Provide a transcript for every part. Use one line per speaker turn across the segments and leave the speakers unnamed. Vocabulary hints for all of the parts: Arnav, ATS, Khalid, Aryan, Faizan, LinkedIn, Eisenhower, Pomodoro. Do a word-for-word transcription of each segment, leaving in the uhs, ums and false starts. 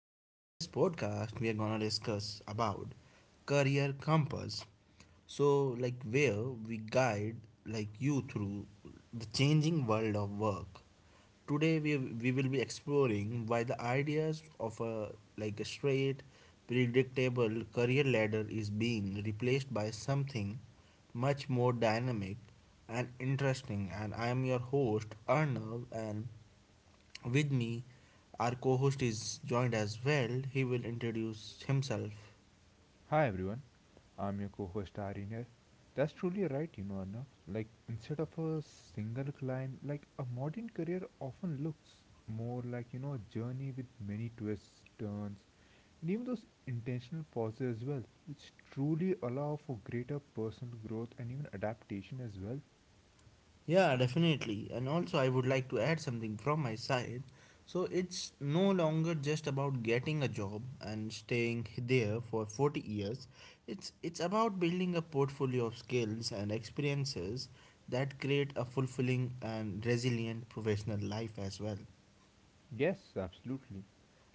in today's podcast, we are gonna discuss about career compass. So, like where we guide like you through the changing world of work. Today, we we will be exploring why the ideas of a like a straight, predictable career ladder is being replaced by something much more dynamic and interesting. And I am your host Arnav, and with me, our co host is joined as well. He will introduce himself.
Hi everyone, I'm your co-host Aryan here. That's truly right, you know, Arnav. Like instead of a single climb, like a modern career often looks more like you know a journey with many twists, turns, and even those intentional pauses as well, which truly allow for greater personal growth and even adaptation as well.
Yeah, definitely. And also, I would like to add something from my side. So, it's no longer just about getting a job and staying there for forty years. It's, it's about building a portfolio of skills and experiences that create a fulfilling and resilient professional life as well.
Yes, absolutely.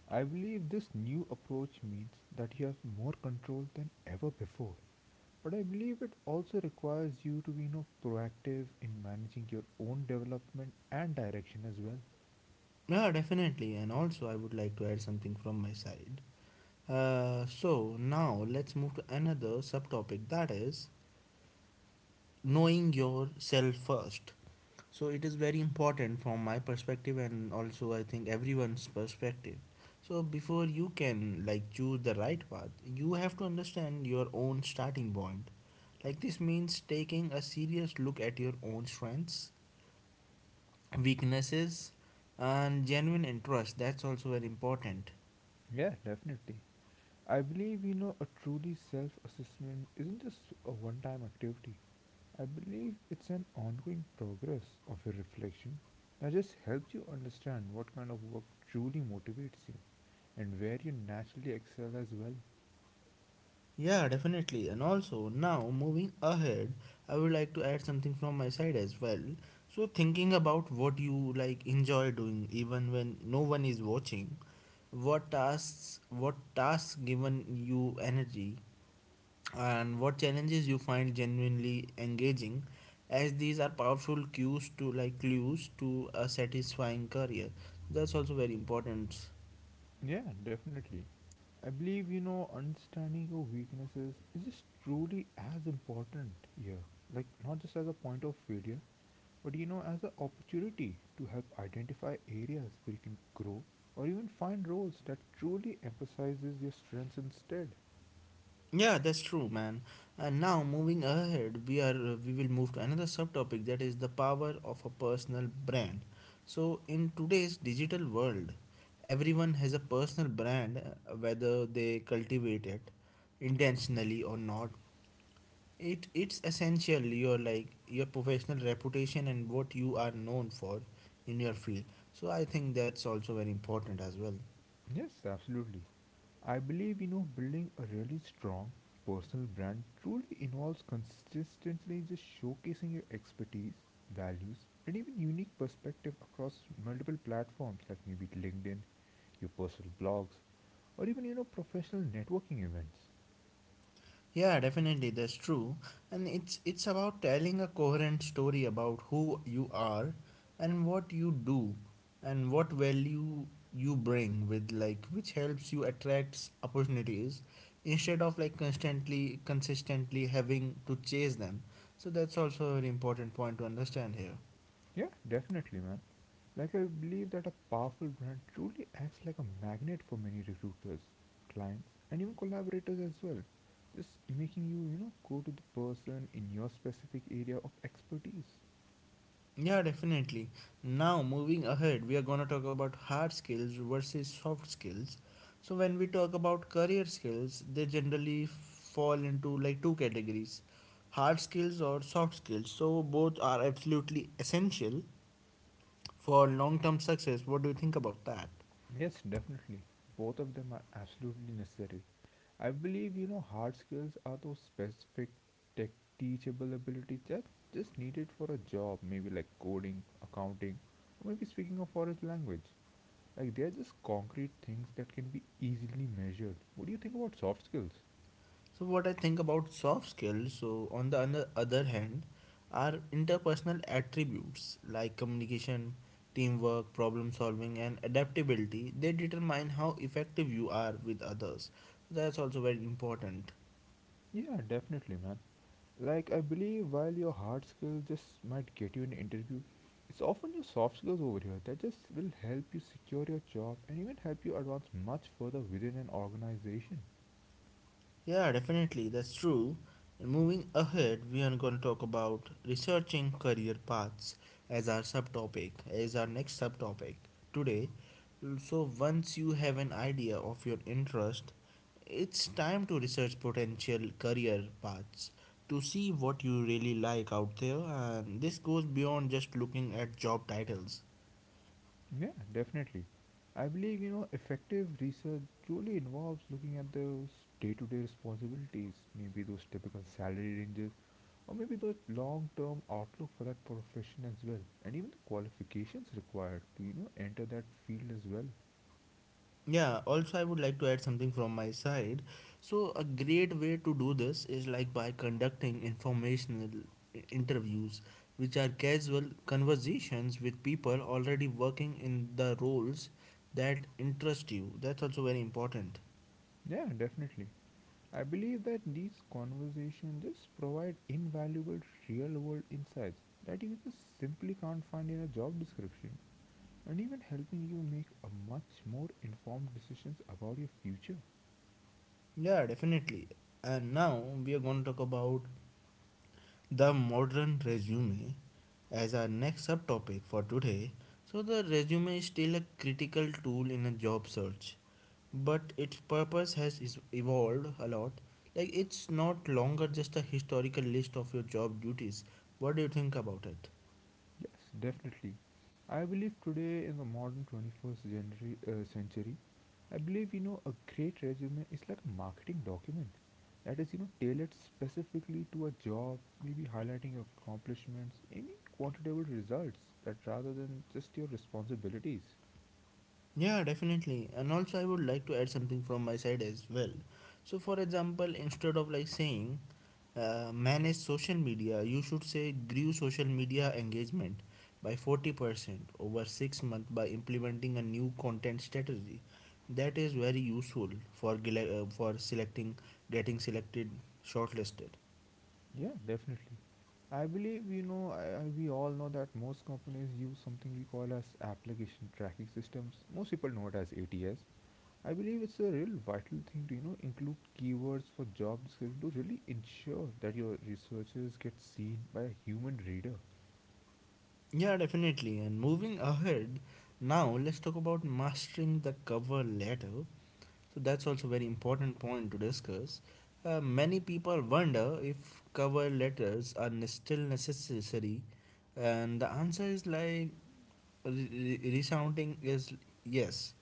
I believe this new approach means that you have more control than ever before. But I believe it also requires you to be you know, proactive in managing your own development and direction as well.
Yeah, definitely. And also, I would like to add something from my side. Uh, so now let's move to another subtopic that is knowing yourself first. So it is very important from my perspective and also I think everyone's perspective. So before you can like choose the right path, you have to understand your own starting point. Like this means taking a serious look at your own strengths, weaknesses, and genuine interest. That's also very important.
Yeah, definitely. I believe you know a truly self-assessment isn't just a one-time activity. I believe it's an ongoing progress of your reflection that just helps you understand what kind of work truly motivates you and where you naturally excel as well.
Yeah, definitely. And also, now moving ahead, I would like to add something from my side as well. So, thinking about what you like enjoy doing even when no one is watching, what tasks what tasks given you energy and what challenges you find genuinely engaging as these are powerful cues to like clues to a satisfying career. That's also very important.
Yeah, definitely. I believe, you know, understanding your weaknesses is just truly as important here. Like, not just as a point of failure, but, you know, as an opportunity to help identify areas where you can grow or even find roles that truly emphasizes your strengths instead.
Yeah, that's true, man. And now moving ahead, we are uh, we will move to another subtopic that is the power of a personal brand. So in today's digital world, everyone has a personal brand uh, whether they cultivate it intentionally or not. It it's essential your like your professional reputation and what you are known for in your field. So I think that's also very important as well.
Yes, absolutely. I believe you know building a really strong personal brand truly involves consistently just showcasing your expertise, values, and even unique perspective across multiple platforms like maybe LinkedIn, your personal blogs, or even you know professional networking events.
Yeah, definitely, that's true. And it's it's about telling a coherent story about who you are and what you do and what value you bring with like which helps you attract opportunities instead of like constantly consistently having to chase them. So that's also a very important point to understand here.
Yeah, definitely, man. Like, I believe that a powerful brand truly acts like a magnet for many recruiters, clients, and even collaborators as well. Just making you, you know, go to the person in your specific area of expertise.
Yeah, definitely. Now, moving ahead, we are going to talk about hard skills versus soft skills. So, when we talk about career skills, they generally fall into like two categories hard skills or soft skills. So, both are absolutely essential for long term success. What do you think about that?
Yes, definitely. Both of them are absolutely necessary. I believe, you know, hard skills are those specific tech teachable abilities that just needed for a job, maybe like coding, accounting, or maybe speaking a foreign language. Like they're just concrete things that can be easily measured. What do you think about soft skills?
So, what I think about soft skills, so on the other other hand, are interpersonal attributes like communication, teamwork, problem solving, and adaptability. They determine how effective you are with others. So that's also very important.
Yeah, definitely, man. Like I believe while your hard skills just might get you an interview, it's often your soft skills over here that just will help you secure your job and even help you advance much further within an organization.
Yeah, definitely, that's true. And moving ahead, we are going to talk about researching career paths as our subtopic, as our next subtopic today. So, once you have an idea of your interest, it's time to research potential career paths to see what you really like out there. And this goes beyond just looking at job titles.
Yeah, definitely. I believe, you know, effective research truly involves looking at those day to day responsibilities, maybe those typical salary ranges, or maybe the long term outlook for that profession as well, and even the qualifications required to, you know, enter that field as well.
Yeah, also, I would like to add something from my side. So, a great way to do this is like by conducting informational i- interviews, which are casual conversations with people already working in the roles that interest you. That's also very important.
Yeah, definitely. I believe that these conversations just provide invaluable real world insights that you just simply can't find in a job description, and even helping you make a much more informed decisions about your future.
Yeah, definitely. And now we are going to talk about the modern resume as our next subtopic for today. So, the resume is still a critical tool in a job search, but its purpose has is- evolved a lot. Like, it's not longer just a historical list of your job duties. What do you think about it?
Yes, definitely. I believe today in the modern twenty-first genera- uh, century, I believe you know a great resume is like a marketing document that is you know tailored specifically to a job, maybe highlighting your accomplishments, any quantifiable results, that rather than just your responsibilities.
Yeah, definitely. And also, I would like to add something from my side as well. So, for example, instead of like saying uh, manage social media, you should say grew social media engagement by forty percent over six months by implementing a new content strategy. That is very useful for gele- uh, for selecting, getting selected, shortlisted.
Yeah, definitely. I believe you know I, I- we all know that most companies use something we call as application tracking systems. Most people know it as A T S. I believe it's a real vital thing to you know include keywords for job description to really ensure that your researches get seen by a human reader.
Yeah, definitely. And moving ahead, now let's talk about mastering the cover letter. So that's also very important point to discuss. Uh, many people wonder if cover letters are ne- still necessary, and the answer is like re- re- resounding is yes,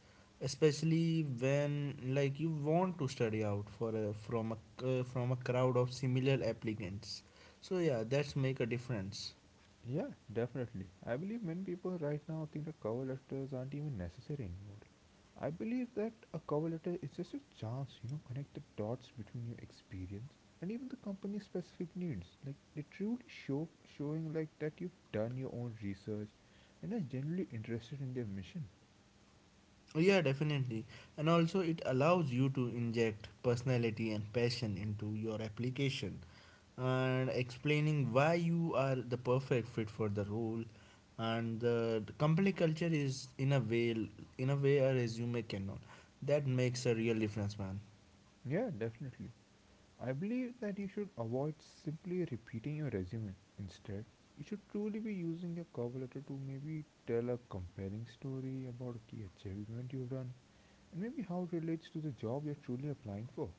especially when like you want to study out for a, from a uh, from a crowd of similar applicants. So yeah, that's make a difference.
Yeah, definitely. I believe many people right now think that cover letters aren't even necessary anymore. I believe that a cover letter is just a chance, you know, connect the dots between your experience and even the company's specific needs. Like they truly show showing like that you've done your own research and are generally interested in their mission.
Oh, yeah, definitely. And also it allows you to inject personality and passion into your application and explaining why you are the perfect fit for the role and the, the company culture is in a way in a way a resume cannot. That makes a real difference, man.
Yeah, definitely. I believe that you should avoid simply repeating your resume. Instead, you should truly be using your cover letter to maybe tell a compelling story about a key achievement you've done and maybe how it relates to the job you're truly applying for.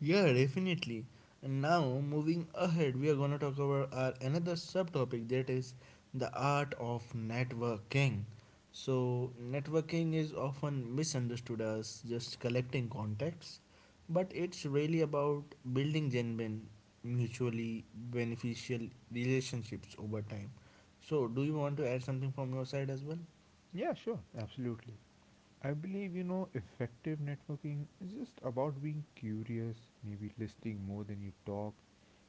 Yeah, definitely. And now, moving ahead, we are going to talk about our another subtopic that is the art of networking. So, networking is often misunderstood as just collecting contacts, but it's really about building genuine, mutually beneficial relationships over time. So, do you want to add something from your side as well?
Yeah, sure, absolutely. I believe you know effective networking is just about being curious, maybe listening more than you talk,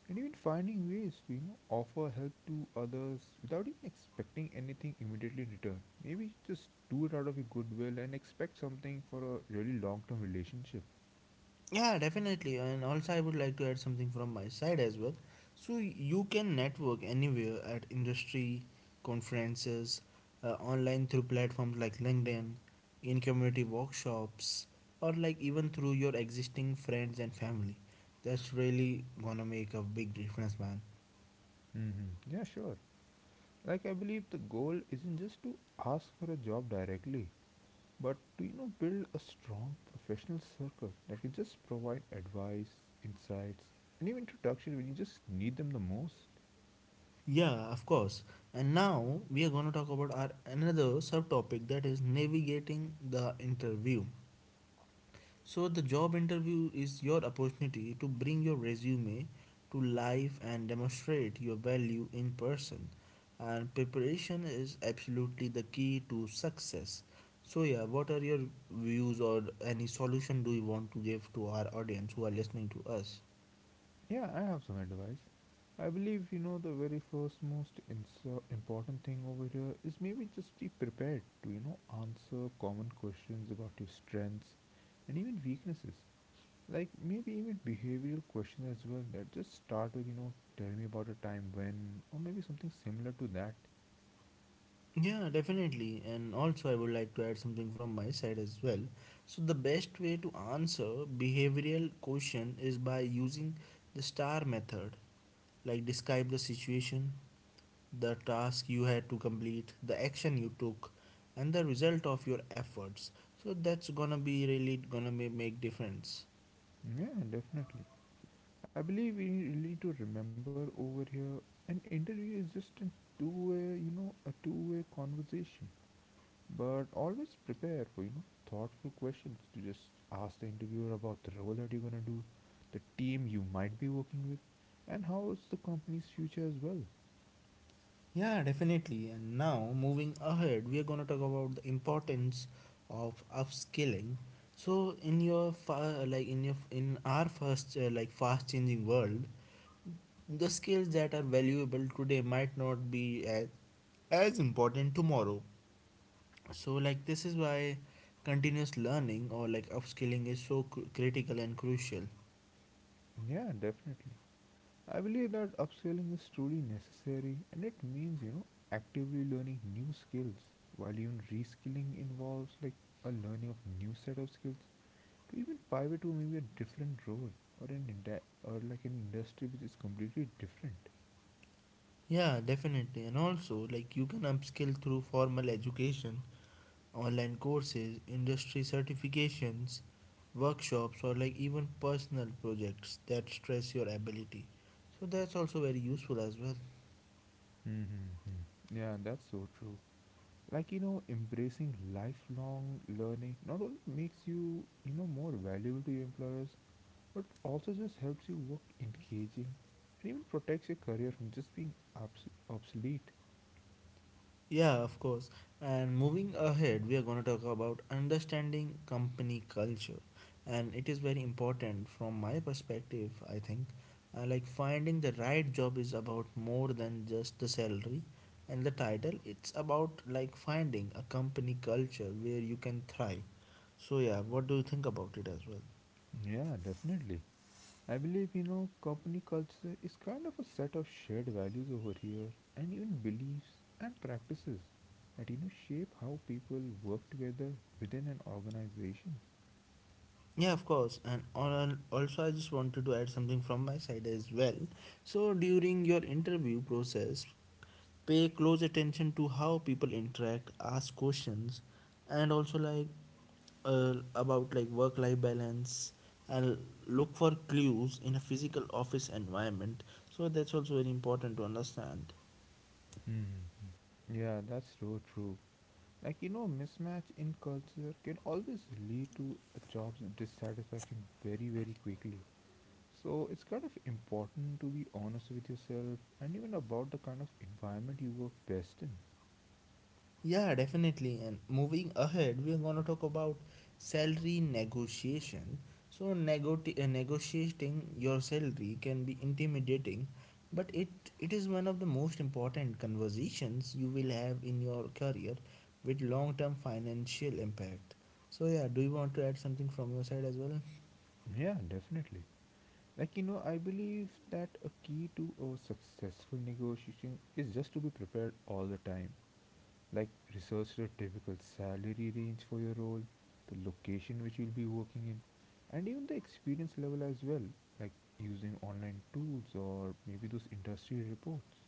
and even finding ways to you know offer help to others without even expecting anything immediately in return. Maybe just do it out of your goodwill and expect something for a really long-term relationship.
Yeah, definitely. And also, I would like to add something from my side as well. So, you can network anywhere at industry, conferences, uh, online through platforms like LinkedIn, in community workshops, or like even through your existing friends and family. That's really gonna make a big difference, man.
hmm Yeah, sure. Like I believe the goal isn't just to ask for a job directly, but to you know build a strong professional circle that can just provide advice, insights, and even introduction when you just need them the most.
Yeah, of course. And now we are gonna talk about our another subtopic that is navigating the interview. So the job interview is your opportunity to bring your resume to life and demonstrate your value in person. And preparation is absolutely the key to success. So yeah, what are your views or any solution do you want to give to our audience who are listening to us?
Yeah, I have some advice. I believe you know the very first most inso- important thing over here is maybe just be prepared to you know answer common questions about your strengths and even weaknesses, like maybe even behavioral questions as well that just start with you know tell me about a time when, or maybe something similar to that.
Yeah, definitely. And also, I would like to add something from my side as well. So, the best way to answer behavioral question is by using the star method. Like describe the situation, the task you had to complete, the action you took, and the result of your efforts. So that's gonna be really gonna ma- make difference.
Yeah, definitely. I believe we need really to remember over here an interview is just a two-way, you know, a two-way conversation. But always prepare for, you know, thoughtful questions to just ask the interviewer about the role that you're gonna do, the team you might be working with, and how's the company's future as well.
Yeah, definitely. And now, moving ahead, we are going to talk about the importance of upskilling. So, in your fa- like in your in our first uh, like fast changing world, the skills that are valuable today might not be as, as important tomorrow. So, like this is why continuous learning or like upskilling is so cr- critical and crucial.
Yeah, definitely. I believe that upscaling is truly necessary and it means, you know, actively learning new skills, while even reskilling involves like a learning of new set of skills to even pivot to maybe a different role or an indi- or like an industry which is completely different.
Yeah, definitely. And also, like you can upskill through formal education online courses, industry certifications, workshops, or like even personal projects that stress your ability. So that's also very useful as well.
Mm-hmm. Yeah, that's so true. Like you know, embracing lifelong learning not only makes you you know more valuable to your employers, but also just helps you work engaging and even protects your career from just being obs- obsolete.
Yeah, of course. And moving ahead, we are going to talk about understanding company culture. And it is very important from my perspective, I think. Uh, like finding the right job is about more than just the salary and the title. It's about like finding a company culture where you can thrive. So, yeah, what do you think about it as well?
Yeah, definitely. I believe, you know, company culture is kind of a set of shared values over here and even beliefs and practices that, you know, shape how people work together within an organization.
Yeah, of course. And on, also, I just wanted to add something from my side as well. So, during your interview process, pay close attention to how people interact, ask questions, and also like uh, about like work life balance and look for clues in a physical office environment. So, that's also very important to understand.
Mm-hmm. Yeah, that's so true. Like, you know, mismatch in culture can always lead to a job's dissatisfaction very, very quickly. So, it's kind of important to be honest with yourself and even about the kind of environment you work best in.
Yeah, definitely. And moving ahead, we are going to talk about salary negotiation. So, negoti uh, negotiating your salary can be intimidating, but it, it is one of the most important conversations you will have in your career with long term financial impact. So, yeah, do you want to add something from your side as well?
Yeah, definitely. Like, you know, I believe that a key to a successful negotiation is just to be prepared all the time. Like, research the typical salary range for your role, the location which you'll be working in, and even the experience level as well. Like, using online tools or maybe those industry reports.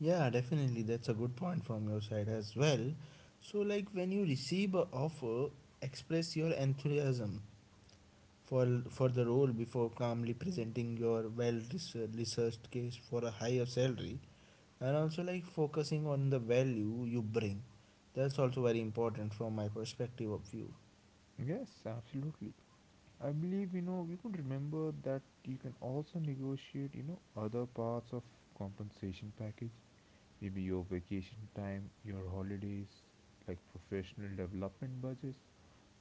Yeah, definitely. That's a good point from your side as well. So, like when you receive a offer, express your enthusiasm for, for the role before calmly presenting your well research- researched case for a higher salary and also like focusing on the value you bring. That's also very important from my perspective of view.
Yes, absolutely. I believe, you know, we could remember that you can also negotiate, you know, other parts of compensation package. Maybe your vacation time, your holidays, like professional development budgets,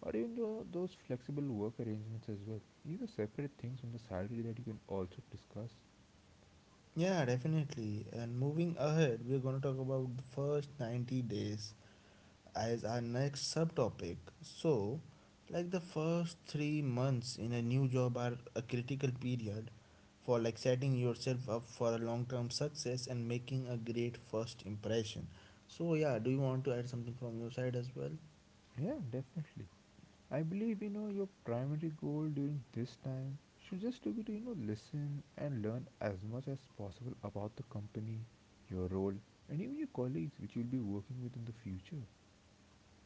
or even tho- those flexible work arrangements as well. These are separate things from the salary that you can also discuss.
Yeah, definitely. And moving ahead, we're going to talk about the first ninety days as our next subtopic. So, like the first three months in a new job are a critical period for like setting yourself up for a long term success and making a great first impression. So, yeah, do you want to add something from your side as well?
Yeah, definitely. I believe you know your primary goal during this time should just to be to you know listen and learn as much as possible about the company, your role, and even your colleagues which you'll be working with in the future.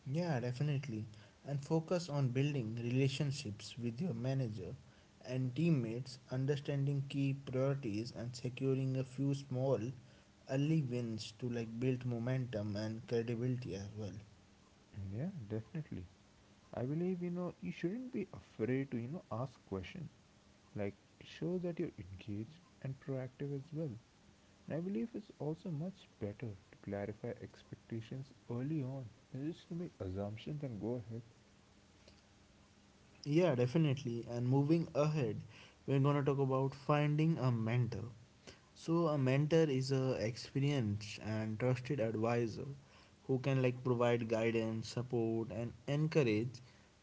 Yeah, definitely. And focus on building relationships with your manager and teammates, understanding key priorities, and securing a few small early wins to like build momentum and credibility as well.
Yeah, definitely. I believe you know you shouldn't be afraid to you know ask questions. Like it shows that you're engaged and proactive as well. And I believe it's also much better to clarify expectations early on than just to make assumptions and go ahead.
Yeah, definitely. And moving ahead, we're going to talk about finding a mentor. So a mentor is a experienced and trusted advisor who can like provide guidance, support and encourage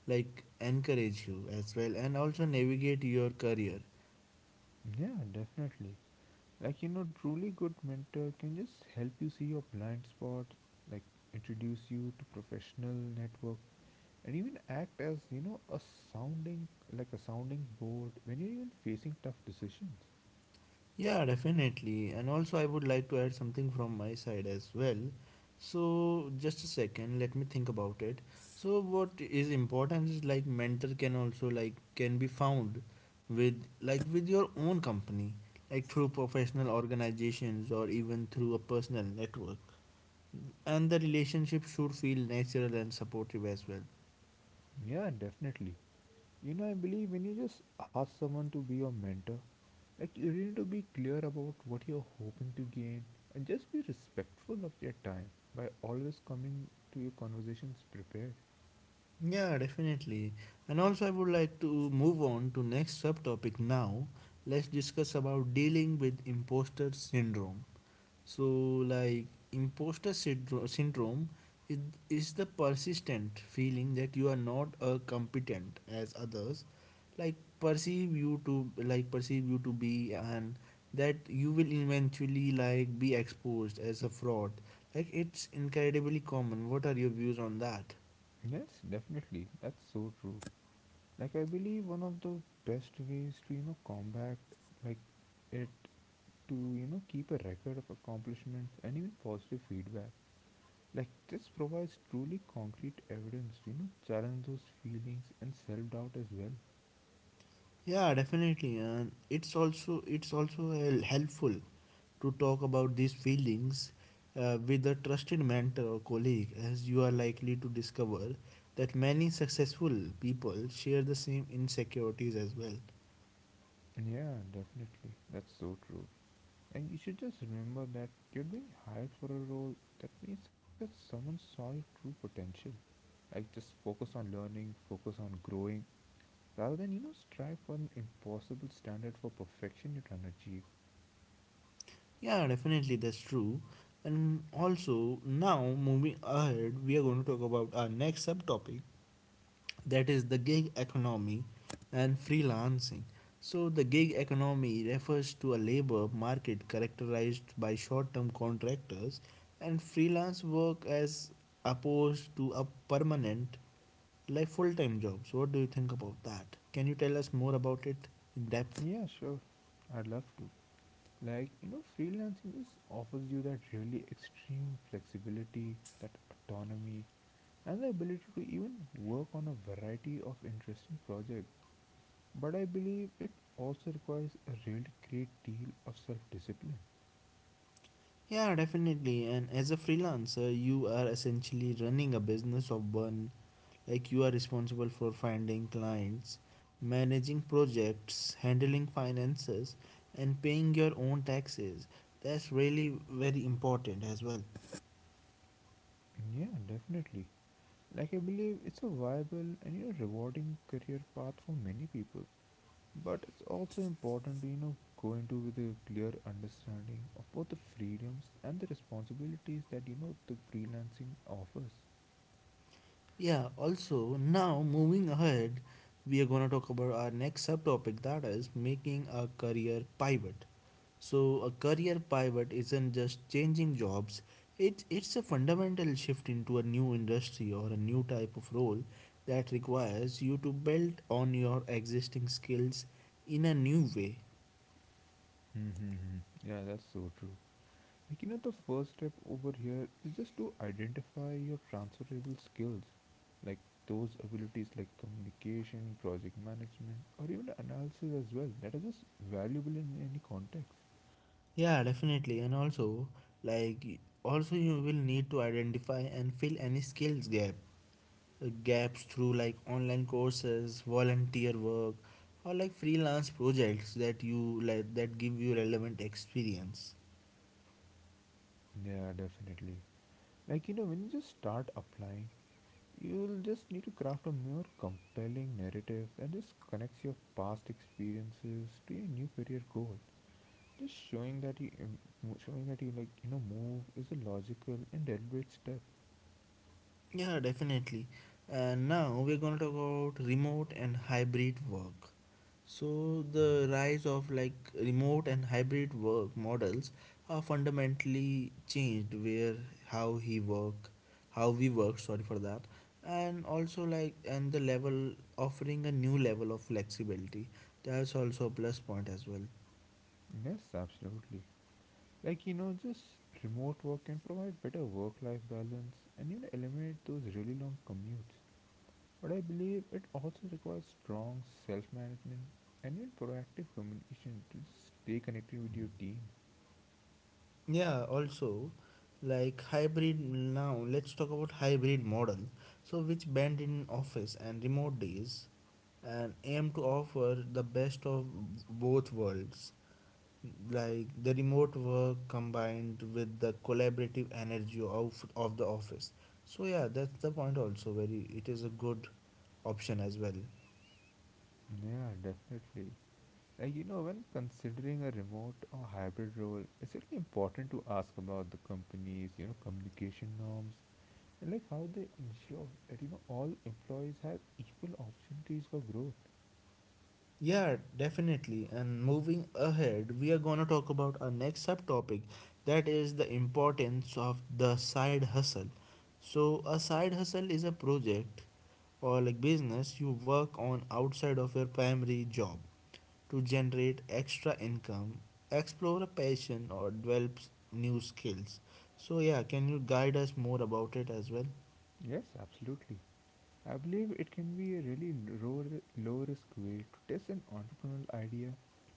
like encourage you as well and also navigate your career.
Yeah, definitely. Like you know, truly good mentor can just help you see your blind spots, like introduce you to professional network and even act as you know a sounding like a sounding board when you're even facing tough decisions.
Yeah, definitely. And also, I would like to add something from my side as well. So, just a second, let me think about it. So, what is important is like mentor can also like can be found with like with your own company, like through professional organizations or even through a personal network. And the relationship should feel natural and supportive as well.
Yeah, definitely. You know, I believe when you just ask someone to be your mentor, like you really need to be clear about what you're hoping to gain and just be respectful of their time by always coming to your conversations prepared.
Yeah, definitely. And also I would like to move on to next subtopic now. Let's discuss about dealing with imposter syndrome. So like imposter syndro- syndrome is, is the persistent feeling that you are not as competent as others like perceive you to like perceive you to be, and that you will eventually like be exposed as a fraud. Like it's incredibly common. What are your views on that?
Yes, definitely. That's so true. Like I believe one of the best ways to, you know, combat like it to, you know, keep a record of accomplishments and even positive feedback. Like this provides truly concrete evidence, to you know, challenge those feelings and self doubt as well.
Yeah, definitely, and it's also it's also hel- helpful to talk about these feelings uh, with a trusted mentor or colleague, as you are likely to discover that many successful people share the same insecurities as well.
Yeah, definitely. That's so true. And you should just remember that you're being hired for a role that means that someone saw your true potential. Like just focus on learning, focus on growing, rather than, you know, strive for an impossible standard for perfection you're trying to achieve.
Yeah, definitely, that's true. And also, now moving ahead, we are going to talk about our next subtopic, that is the gig economy and freelancing. So, the gig economy refers to a labor market characterized by short term contractors and freelance work as opposed to a permanent, like full time jobs. What do you think about that? Can you tell us more about it in depth?
Yeah, sure. I'd love to. Like, you know, freelancing just offers you that really extreme flexibility, that autonomy, and the ability to even work on a variety of interesting projects. But I believe it also requires a really great deal of self discipline.
Yeah, definitely. And as a freelancer, you are essentially running a business of one. Like you are responsible for finding clients, managing projects, handling finances, and paying your own taxes. That's really very important as well.
Yeah, definitely. Like, I believe it's a viable and you know, rewarding career path for many people. But it's also important to you know go into with a clear understanding of both the freedoms and the responsibilities that you know the freelancing offers.
Yeah, also, now moving ahead, we are going to talk about our next subtopic that is making a career pivot. So, a career pivot isn't just changing jobs, it, it's a fundamental shift into a new industry or a new type of role that requires you to build on your existing skills in a new way.
Mm-hmm. Yeah, that's so true. Like, you know, the first step over here is just to identify your transferable skills, like those abilities like communication, project management, or even analysis as well, that are just valuable in any context.
Yeah, definitely. And also, like, also you will need to identify and fill any skills gap uh, gaps through like online courses, volunteer work, or like freelance projects that you like that give you relevant experience.
Yeah, definitely. Like, you know, when you just start applying, you'll just need to craft a more compelling narrative that just connects your past experiences to your new career goal. Just showing that you, im- mo- showing that you like, you know, move is a logical and deliberate step.
Yeah, definitely. And now we're going to talk about remote and hybrid work. So, the rise of like remote and hybrid work models are fundamentally changed where how he work, how we work, sorry for that, and also like and the level offering a new level of flexibility. That's also a plus point as well.
Yes, absolutely. Like, you know, just remote work can provide better work life balance and, you know, eliminate those really long commutes. But I believe it also requires strong self management and even proactive communication to just stay connected with your team.
Yeah, also like hybrid now let's talk about hybrid model, so which band in office and remote days and aim to offer the best of both worlds, like the remote work combined with the collaborative energy of, of the office. So yeah, that's the point, also very it is a good option as well.
Yeah, definitely. Like, you know, when considering a remote or hybrid role, it's really important to ask about the company's, you know, communication norms and like how they ensure that, you know, all employees have equal opportunities for growth.
Yeah, definitely. And moving ahead, we are going to talk about our next subtopic that is the importance of the side hustle. So, a side hustle is a project or like business you work on outside of your primary job to generate extra income, explore a passion, or develop new skills. So, yeah, can you guide us more about it as well?
Yes, absolutely. I believe it can be a really low, low risk way to test an entrepreneurial idea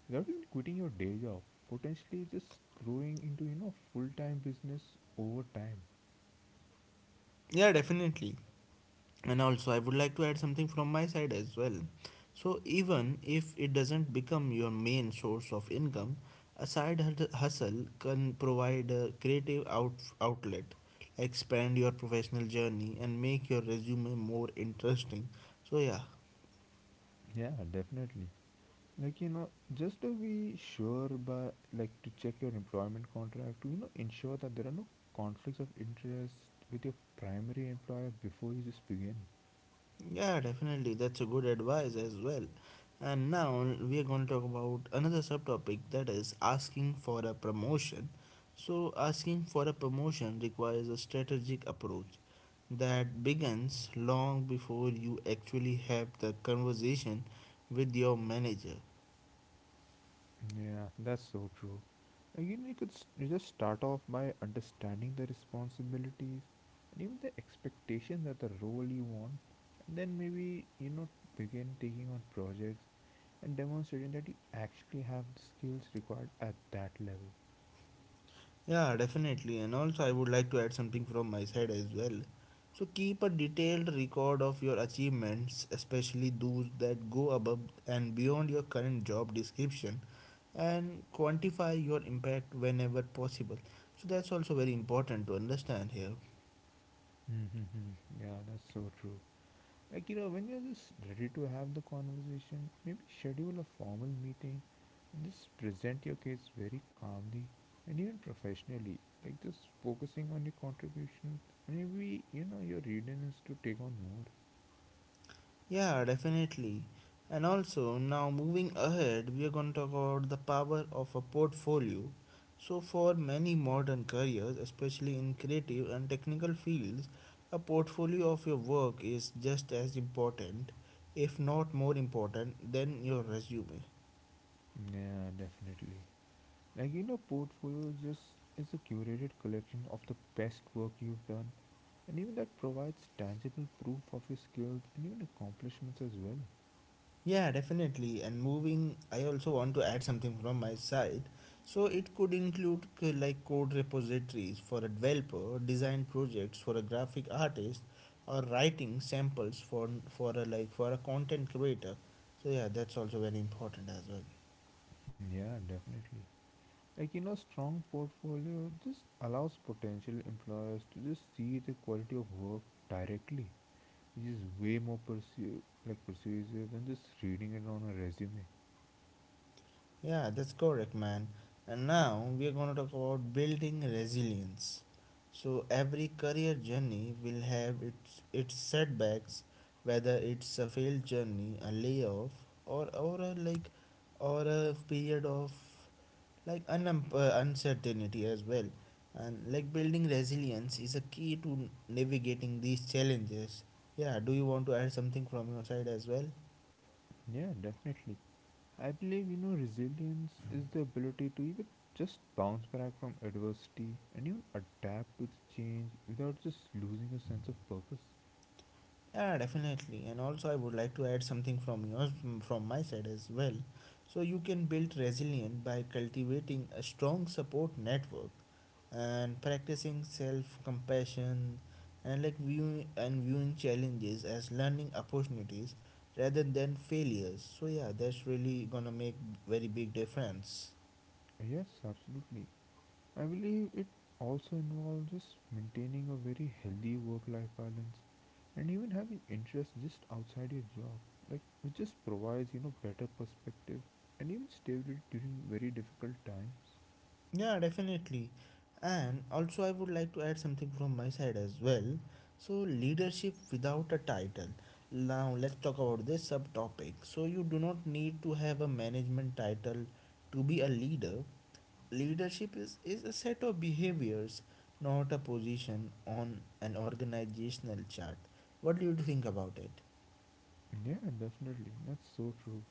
without even quitting your day job. Potentially just growing into, you know, full time business over time.
Yeah, definitely. And also I would like to add something from my side as well. So even if it doesn't become your main source of income, a side hustle can provide a creative out- outlet, expand your professional journey, and make your resume more interesting. So yeah.
Yeah, definitely. Like, you know, just to be sure by like to check your employment contract to, you know, ensure that there are no conflicts of interest with your primary employer before you just begin.
Yeah, definitely. That's a good advice as well. And now we are going to talk about another subtopic that is asking for a promotion. So, asking for a promotion requires a strategic approach that begins long before you actually have the conversation with your manager.
Yeah, that's so true. Again, you could s- you just start off by understanding the responsibilities and even the expectations that the role you want, and then maybe you know begin taking on projects and demonstrating that you actually have the skills required at that level.
Yeah, definitely. And also, I would like to add something from my side as well. So, keep a detailed record of your achievements, especially those that go above and beyond your current job description, and quantify your impact whenever possible. So, that's also very important to understand here.
Mm-hmm. Yeah, that's so true. Like, you know, when you're just ready to have the conversation, maybe schedule a formal meeting and just present your case very calmly and even professionally. Like, just focusing on your contributions. Maybe, you know, your readiness to take on more.
Yeah, definitely. And also, now moving ahead, we are going to talk about the power of a portfolio. So, for many modern careers, especially in creative and technical fields, a portfolio of your work is just as important, if not more important, than your resume.
Yeah, definitely. Like, you know, portfolio just is a curated collection of the best work you've done and even that provides tangible proof of your skills and even accomplishments as well.
Yeah, definitely. And moving, I also want to add something from my side. So it could include c- like code repositories for a developer, design projects for a graphic artist, or writing samples for for a like for a content creator. So yeah, that's also very important as well.
Yeah, definitely. Like you know strong portfolio just allows potential employers to just see the quality of work directly, which is way more pursue like persuasive than just reading it on a resume.
Yeah, that's correct, man. And now we are going to talk about building resilience. So every career journey will have its its setbacks, whether it's a failed journey, a layoff, or or a like, or a period of like un- uh, uncertainty as well. And like building resilience is a key to navigating these challenges. Yeah, do you want to add something from your side as well?
Yeah, definitely. I believe you know resilience is the ability to even just bounce back from adversity and even adapt to the change without just losing a sense of purpose.
Yeah, definitely. And also, I would like to add something from yours, from my side as well. So, you can build resilience by cultivating a strong support network and practicing self compassion and like viewing and viewing challenges as learning opportunities rather than failures. So, yeah, that's really gonna make very big difference.
Yes, absolutely. I believe it also involves just maintaining a very healthy work life balance and even having interests just outside your job, like which just provides you know better perspective and even stability during very difficult times.
Yeah, definitely. And also, I would like to add something from my side as well. So, leadership without a title. Now, let's talk about this subtopic. So, you do not need to have a management title to be a leader. Leadership is, is a set of behaviors, not a position on an organizational chart. What do you think about it?
Yeah, definitely, that's so true.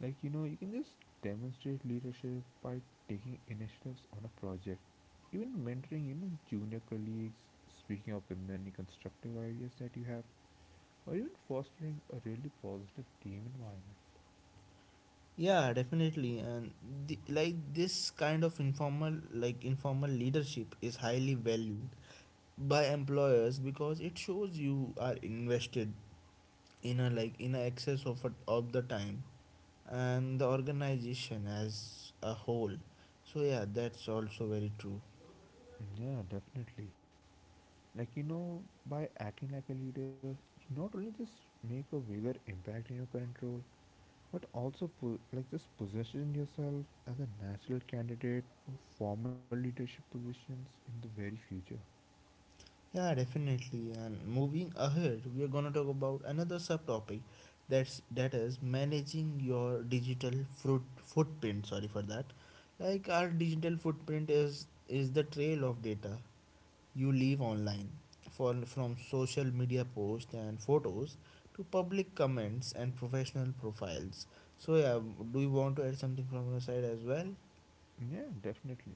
Like you know, you can just demonstrate leadership by taking initiatives on a project, even mentoring you know junior colleagues, speaking up with many constructive ideas that you have, or even fostering a really positive team environment.
Yeah, definitely. And the, like this kind of informal, like informal leadership is highly valued by employers because it shows you are invested in a like in a excess of a, of the time and the organization as a whole. So yeah, that's also very true.
Yeah, definitely. Like, you know, by acting like a leader, you not only just make a bigger impact in your current role, but also po- like just position yourself as a natural candidate for formal leadership positions in the very future.
Yeah, definitely. And moving ahead, we are going to talk about another subtopic that's that is managing your digital fruit footprint, sorry for that. Like our digital footprint is is the trail of data you leave online. For, from social media posts and photos to public comments and professional profiles. So, yeah, do you want to add something from your side as well?
Yeah, definitely.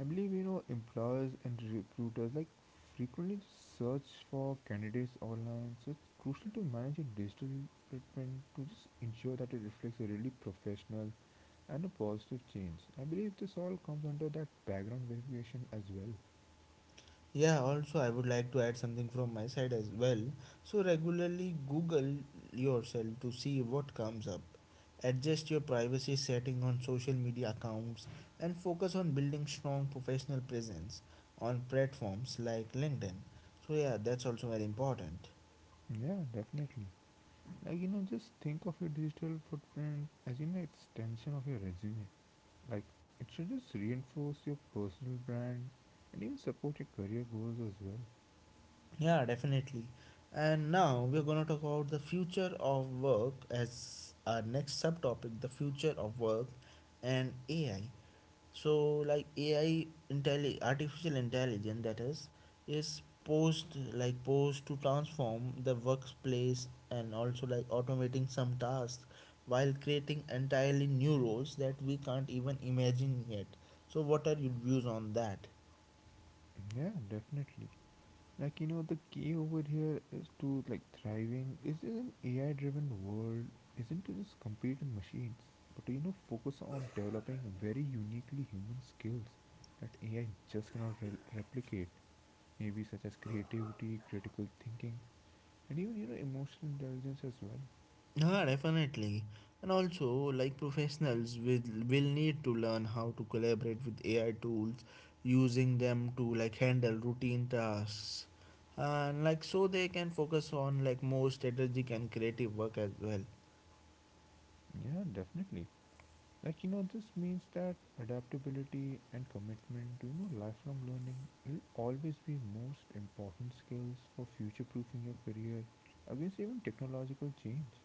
I believe, you know, employers and recruiters like frequently just search for candidates online, so it's crucial to manage your digital footprint to just ensure that it reflects a really professional and a positive change. I believe this all comes under that background verification as well.
Yeah, also, I would like to add something from my side as well. So, regularly Google yourself to see what comes up. Adjust your privacy setting on social media accounts and focus on building strong professional presence on platforms like LinkedIn. So, yeah, that's also very important.
Yeah, definitely. Like you know, just think of your digital footprint as you know extension of your resume. Like it should just reinforce your personal brand and even support your career goals as well.
Yeah, definitely. And now we're going to talk about the future of work as our next subtopic, the future of work and A I. So, like A I, intelli- artificial intelligence, that is, is posed like posed to transform the workplace and also like automating some tasks while creating entirely new roles that we can't even imagine yet. So, what are your views on that?
Yeah, definitely. Like you know, the key over here is to like thriving. Is in an A I-driven world, isn't to just compete on machines, but to you know focus on developing very uniquely human skills that A I just cannot re- replicate. Maybe such as creativity, critical thinking, and even you know emotional intelligence as well.
Yeah, definitely. And also, like professionals will will need to learn how to collaborate with A I tools, using them to like handle routine tasks, and like so they can focus on like more strategic and creative work as well.
Yeah, definitely. Like you know this means that adaptability and commitment to you know lifelong learning will always be most important skills for future proofing your career against even technological change.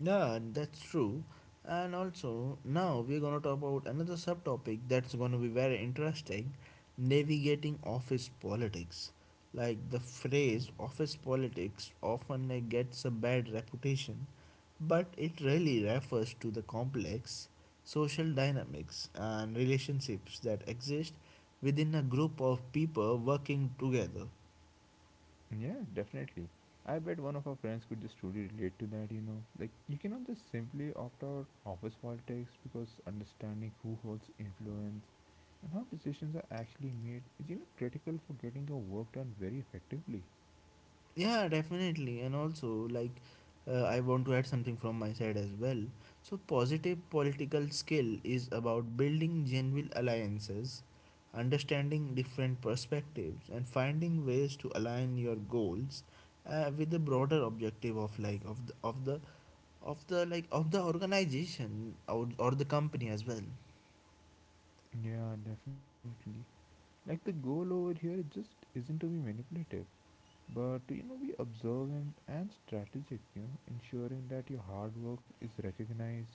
Yeah, that's true. And also, now we're gonna talk about another subtopic that's gonna be very interesting, navigating office politics. Like the phrase office politics often uh, gets a bad reputation, but it really refers to the complex social dynamics and relationships that exist within a group of people working together.
Yeah, definitely. I bet one of our friends could just truly relate to that you know Like you cannot just simply opt out office politics because understanding who holds influence and how decisions are actually made is you know critical for getting your work done very effectively.
Yeah, definitely. And also, like, uh, I want to add something from my side as well. So, positive political skill is about building genuine alliances, understanding different perspectives, and finding ways to align your goals uh, with the broader objective of like of the of the of the like of the organization or, or the company as well.
Yeah, definitely. Like the goal over here just isn't to be manipulative, but to, you know, be observant and strategic, you know, ensuring that your hard work is recognized,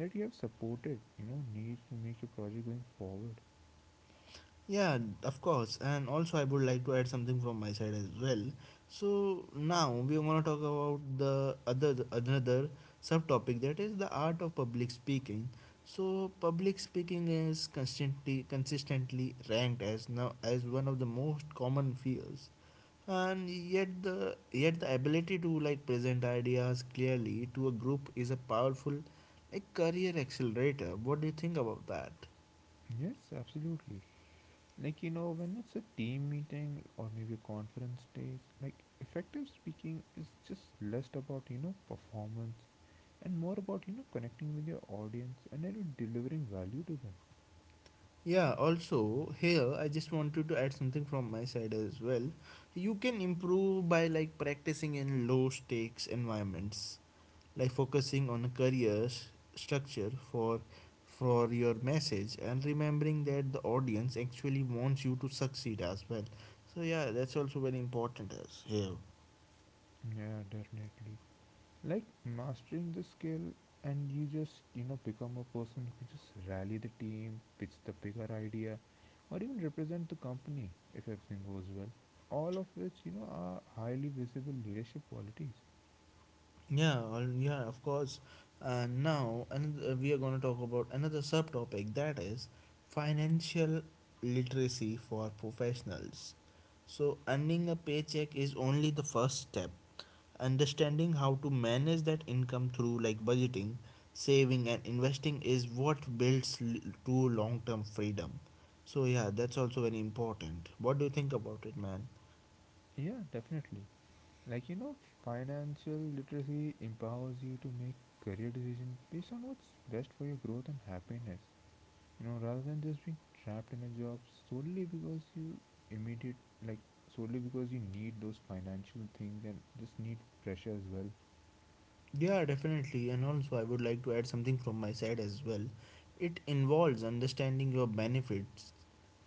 that you have supported, you know, needs to make your project going forward.
Yeah, of course. And also, I would like to add something from my side as well. So now we are going to talk about the other another subtopic that is the art of public speaking. So public speaking is constantly consistently ranked as now as one of the most common fears. And yet the yet the ability to like present ideas clearly to a group is a powerful like career accelerator. What do you think about that?
Yes, absolutely. Like, you know, when it's a team meeting or maybe a conference days, like effective speaking is just less about, you know, performance and more about, you know, connecting with your audience and you know, delivering value to them.
Yeah, also here I just wanted to add something from my side as well. You can improve by like practicing in low stakes environments, like focusing on a career s- structure for for your message, and remembering that the audience actually wants you to succeed as well. So yeah, that's also very important as.
Yeah, definitely. Like mastering the skill and you just you know become a person who can just rally the team, pitch the bigger idea or even represent the company if everything goes well, all of which you know are highly visible leadership qualities.
Yeah, al- yeah, of course. And now, and we are going to talk about another subtopic that is financial literacy for professionals. So, earning a paycheck is only the first step. Understanding how to manage that income through like budgeting, saving, and investing is what builds l- true long term freedom. So, yeah, that's also very important. What do you think about it, man?
Yeah, definitely. like you know Financial literacy empowers you to make career decisions based on what's best for your growth and happiness, you know rather than just being trapped in a job solely because you immediate like solely because you need those financial things and just need pressure as well.
Yeah, definitely. And also, I would like to add something from my side as well. It involves understanding your benefits,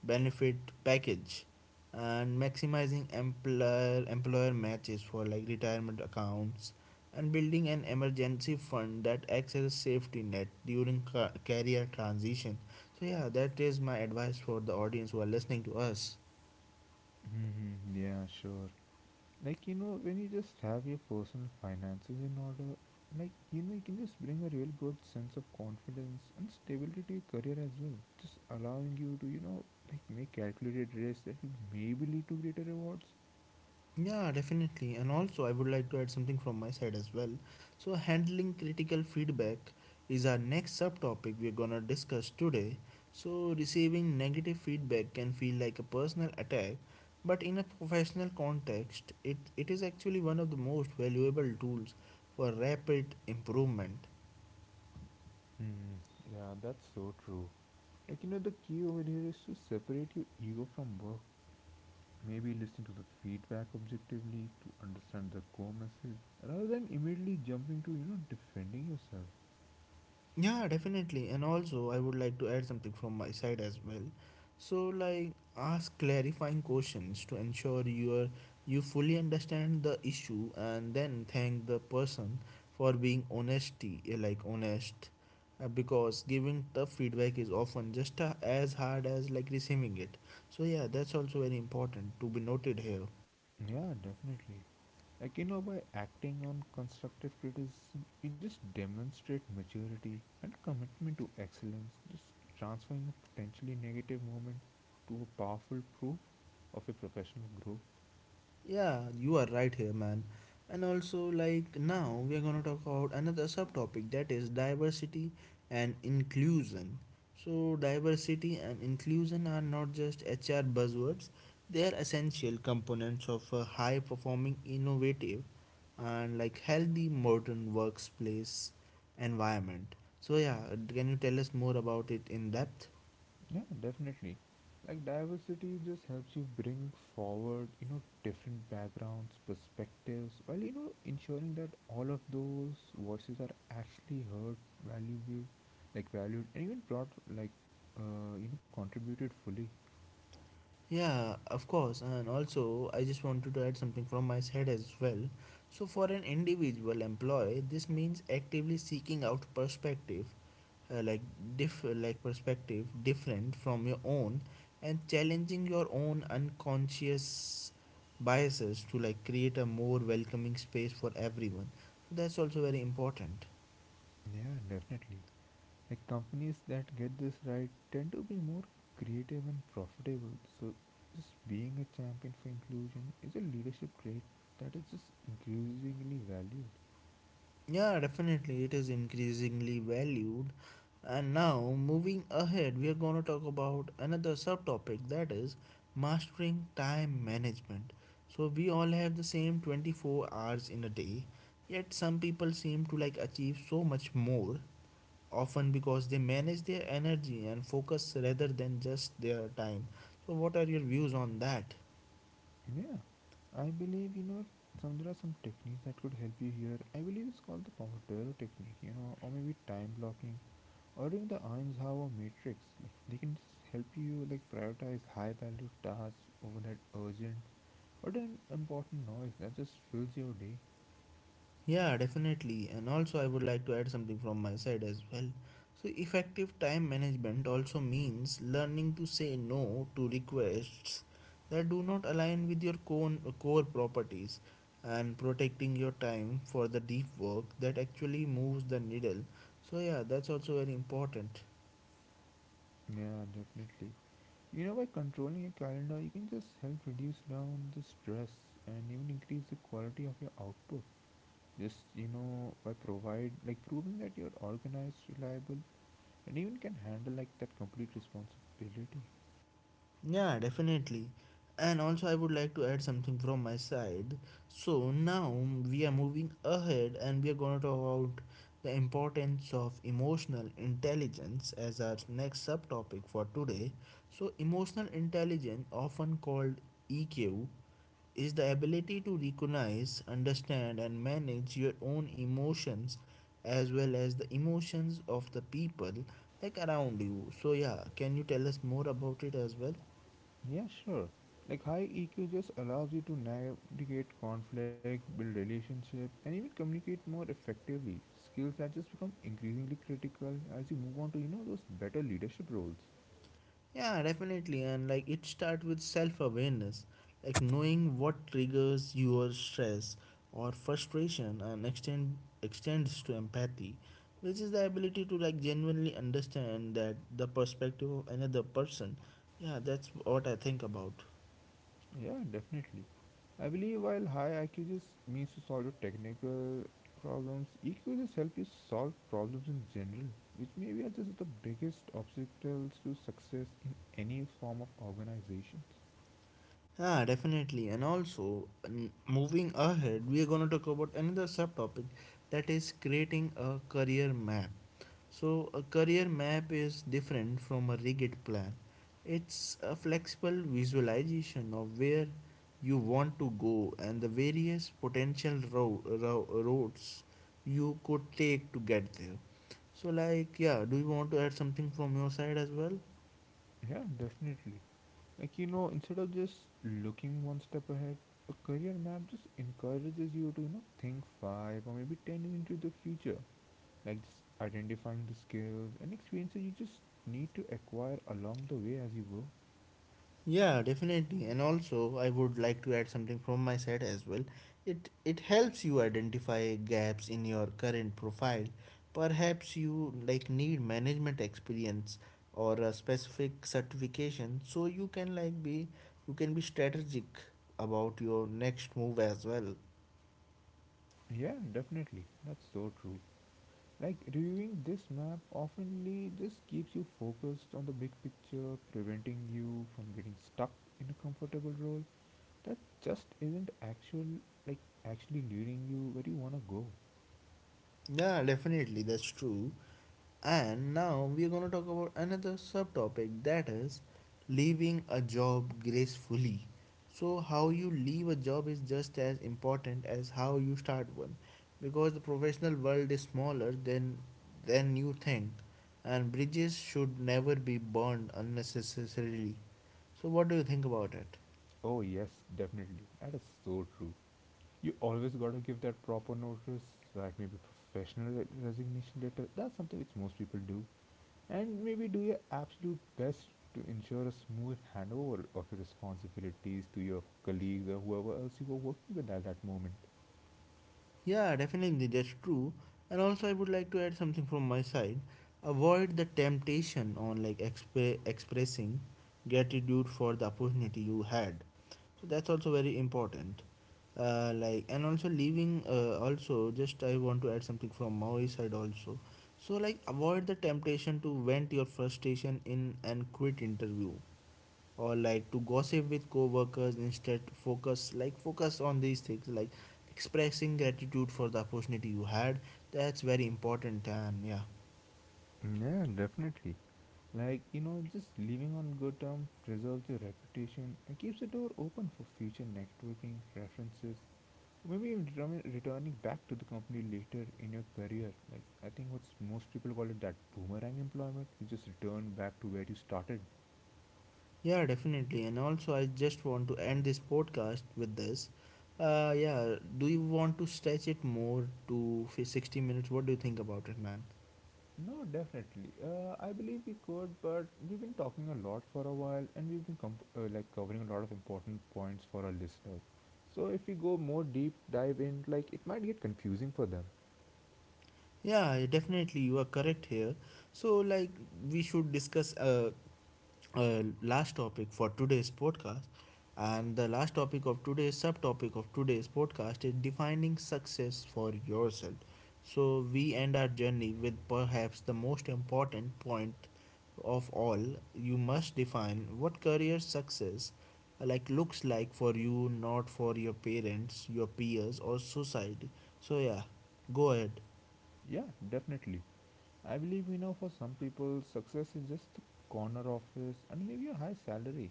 benefit package, and maximizing employer employer matches for like retirement accounts, and building an emergency fund that acts as a safety net during ca- career transition. So yeah, that is my advice for the audience who are listening to us.
Hmm, yeah, sure. Like you know when you just have your personal finances in order, like you know you can just bring a real good sense of confidence and stability to your career as well, just allowing you to you know like make calculated risks that will maybe lead to greater rewards.
Yeah, definitely. And also, I would like to add something from my side as well. So, handling critical feedback is our next subtopic we're gonna discuss today. So, receiving negative feedback can feel like a personal attack, but in a professional context, it, it is actually one of the most valuable tools for rapid improvement.
Hmm. Yeah, that's so true. Like, you know, the key over here is to separate your ego from work. Maybe listen to the feedback objectively to understand the core message rather than immediately jumping to, you know, defending yourself.
Yeah, definitely. And also, I would like to add something from my side as well. So, like, ask clarifying questions to ensure you are you fully understand the issue, and then thank the person for being honesty, eh, like honest, uh, because giving tough feedback is often just uh, as hard as like receiving it. So, yeah, that's also very important to be noted here.
Yeah, definitely. Like, you know, by acting on constructive criticism, you just demonstrate maturity and commitment to excellence, just transferring a potentially negative moment to a powerful proof of your professional growth.
Yeah, you are right here, man. And also, like now, we are gonna talk about another subtopic that is diversity and inclusion. So, diversity and inclusion are not just H R buzzwords, they are essential components of a high performing, innovative, and like healthy modern workplace environment. So, yeah, can you tell us more about it in depth?
Yeah, definitely. Like diversity just helps you bring forward, you know, different backgrounds, perspectives, while you know ensuring that all of those voices are actually heard, valuable, like valued, and even brought like uh, you know contributed fully.
Yeah, of course. And also, I just wanted to add something from my side as well. So, for an individual employee, this means actively seeking out perspective, uh, like diff, like perspective different from your own, and challenging your own unconscious biases to like create a more welcoming space for everyone. So that's also very important.
Yeah, definitely. Like companies that get this right tend to be more creative and profitable. So just being a champion for inclusion is a leadership trait that is just increasingly valued.
Yeah, definitely, it is increasingly valued. And now, moving ahead, we are going to talk about another subtopic that is mastering time management. So, we all have the same twenty-four hours in a day, yet, some people seem to like achieve so much more, often because they manage their energy and focus rather than just their time. So, what are your views on that?
Yeah, I believe you know some there are some techniques that could help you here. I believe it's called the Pomodoro technique, you know, or maybe time blocking, or even the Eisenhower matrix. Like they can just help you like prioritize high value tasks over that urgent or an important noise that just fills your day.
Yeah, definitely. And also, I would like to add something from my side as well. So, effective time management also means learning to say no to requests that do not align with your core, core properties and protecting your time for the deep work that actually moves the needle. So, yeah, that's also very important.
Yeah, definitely. You know, by controlling your calendar, you can just help reduce down the stress and even increase the quality of your output, just you know by provide like proving that you're organized, reliable, and even can handle like that complete responsibility.
Yeah, definitely. And also, I would like to add something from my side. So, now we are moving ahead and we are going to talk about the importance of emotional intelligence as our next subtopic for today. So, emotional intelligence, often called E Q, is the ability to recognize, understand, and manage your own emotions as well as the emotions of the people like around you. So, yeah, can you tell us more about it as well?
Yeah, sure. Like high E Q just allows you to navigate conflict, build relationship, and even communicate more effectively. Skills that just become increasingly critical as you move on to you know those better leadership roles.
Yeah, definitely. And like it starts with self awareness, like knowing what triggers your stress or frustration and extend extends to empathy, which is the ability to like genuinely understand that the perspective of another person. Yeah, that's what I think about.
Yeah, definitely. I believe while high I Q just means to solve your technical problems, E Q just help you solve problems in general, which maybe are just the biggest obstacles to success in any form of organizations.
Yeah, definitely. And also, n- moving ahead, we are going to talk about another subtopic that is creating a career map. So, a career map is different from a rigid plan, it's a flexible visualization of where you want to go and the various potential ro- ro- routes you could take to get there. So, like, yeah, do you want to add something from your side as well?
Yeah, definitely. Like, you know, instead of just looking one step ahead, a career map just encourages you to, you know, think five or maybe ten years into the future. Like, just identifying the skills and experiences you just need to acquire along the way as you go.
Yeah, definitely. And also, I would like to add something from my side as well. It it helps you identify gaps in your current profile. Perhaps you like need management experience or a specific certification so you can like be you can be strategic about your next move as well.
Yeah, definitely. That's so true. Like, reviewing this map oftenly just keeps you focused on the big picture, preventing you from getting stuck in a comfortable role that just isn't actual like actually leading you where you want to go.
Yeah, definitely, that's true. And now we are going to talk about another subtopic that is leaving a job gracefully. So, how you leave a job is just as important as how you start one because the professional world is smaller than, than you think, and bridges should never be burned unnecessarily. So, what do you think about it?
Oh, yes, definitely, that is so true. You always got to give that proper notice, like maybe professional re- resignation letter, that's something which most people do. And maybe do your absolute best to ensure a smooth handover of your responsibilities to your colleagues or whoever else you were working with at that moment.
Yeah, definitely, that's true. And also, I would like to add something from my side. Avoid the temptation on like exp- expressing gratitude for the opportunity you had. So that's also very important. Uh, like and also leaving. Uh, also, just I want to add something from my side also. So like avoid the temptation to vent your frustration in an quit interview or like to gossip with co-workers instead focus like focus on these things like expressing gratitude for the opportunity you had. That's very important, and yeah,
Yeah, definitely. Like, you know, just living on good terms preserves your reputation and keeps the door open for future networking, references, or maybe even return- returning back to the company later in your career. Like, I think what's most people call it, that boomerang employment. You just return back to where you started.
yeah, definitely. And also, I just want to end this podcast with this. Uh yeah, do you want to stretch it more to sixty minutes? What do you think about it, man?
No, definitely. Uh, I believe we could, but we've been talking a lot for a while, and we've been comp- uh, like covering a lot of important points for our listeners. So if we go more deep dive in, like it might get confusing for them.
Yeah, definitely, you are correct here. So like we should discuss, uh uh, last topic for today's podcast. And the last topic of today's subtopic of today's podcast is defining success for yourself. So, we end our journey with perhaps the most important point of all. You must define what career success uh, like looks like for you, not for your parents, your peers, or society. So, yeah, go ahead.
Yeah, definitely. I believe we know for some people, success is just a corner office and maybe a high salary.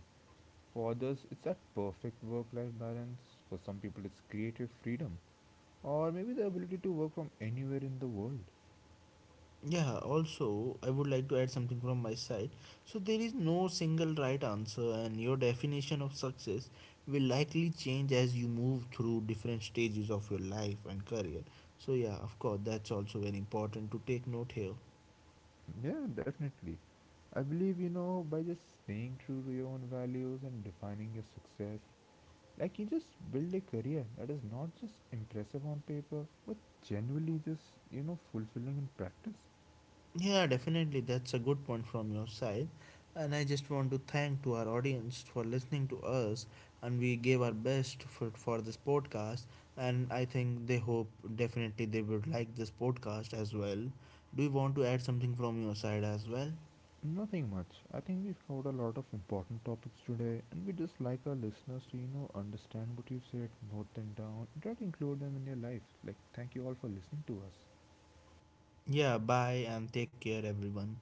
For others, it's that perfect work-life balance. For some people, it's creative freedom, or maybe the ability to work from anywhere in the world.
Yeah, also I would like to add something from my side. So, there is no single right answer, and your definition of success will likely change as you move through different stages of your life and career. So yeah, of course, that's also very important to take note here.
Yeah, definitely. I believe, you know, by just staying true to your own values and defining your success, like you just build a career that is not just impressive on paper, but genuinely just, you know, fulfilling in practice.
Yeah, definitely. That's a good point from your side. And I just want to thank to our audience for listening to us, and we gave our best for, for this podcast, and I think they hope definitely they would like this podcast as well. Do you want to add something from your side as well?
Nothing much. I think we've covered a lot of important topics today, and we just like our listeners to, you know, understand what you said, note them down, and try to include them in your life. Like, thank you all for listening to us.
Yeah, bye and take care everyone.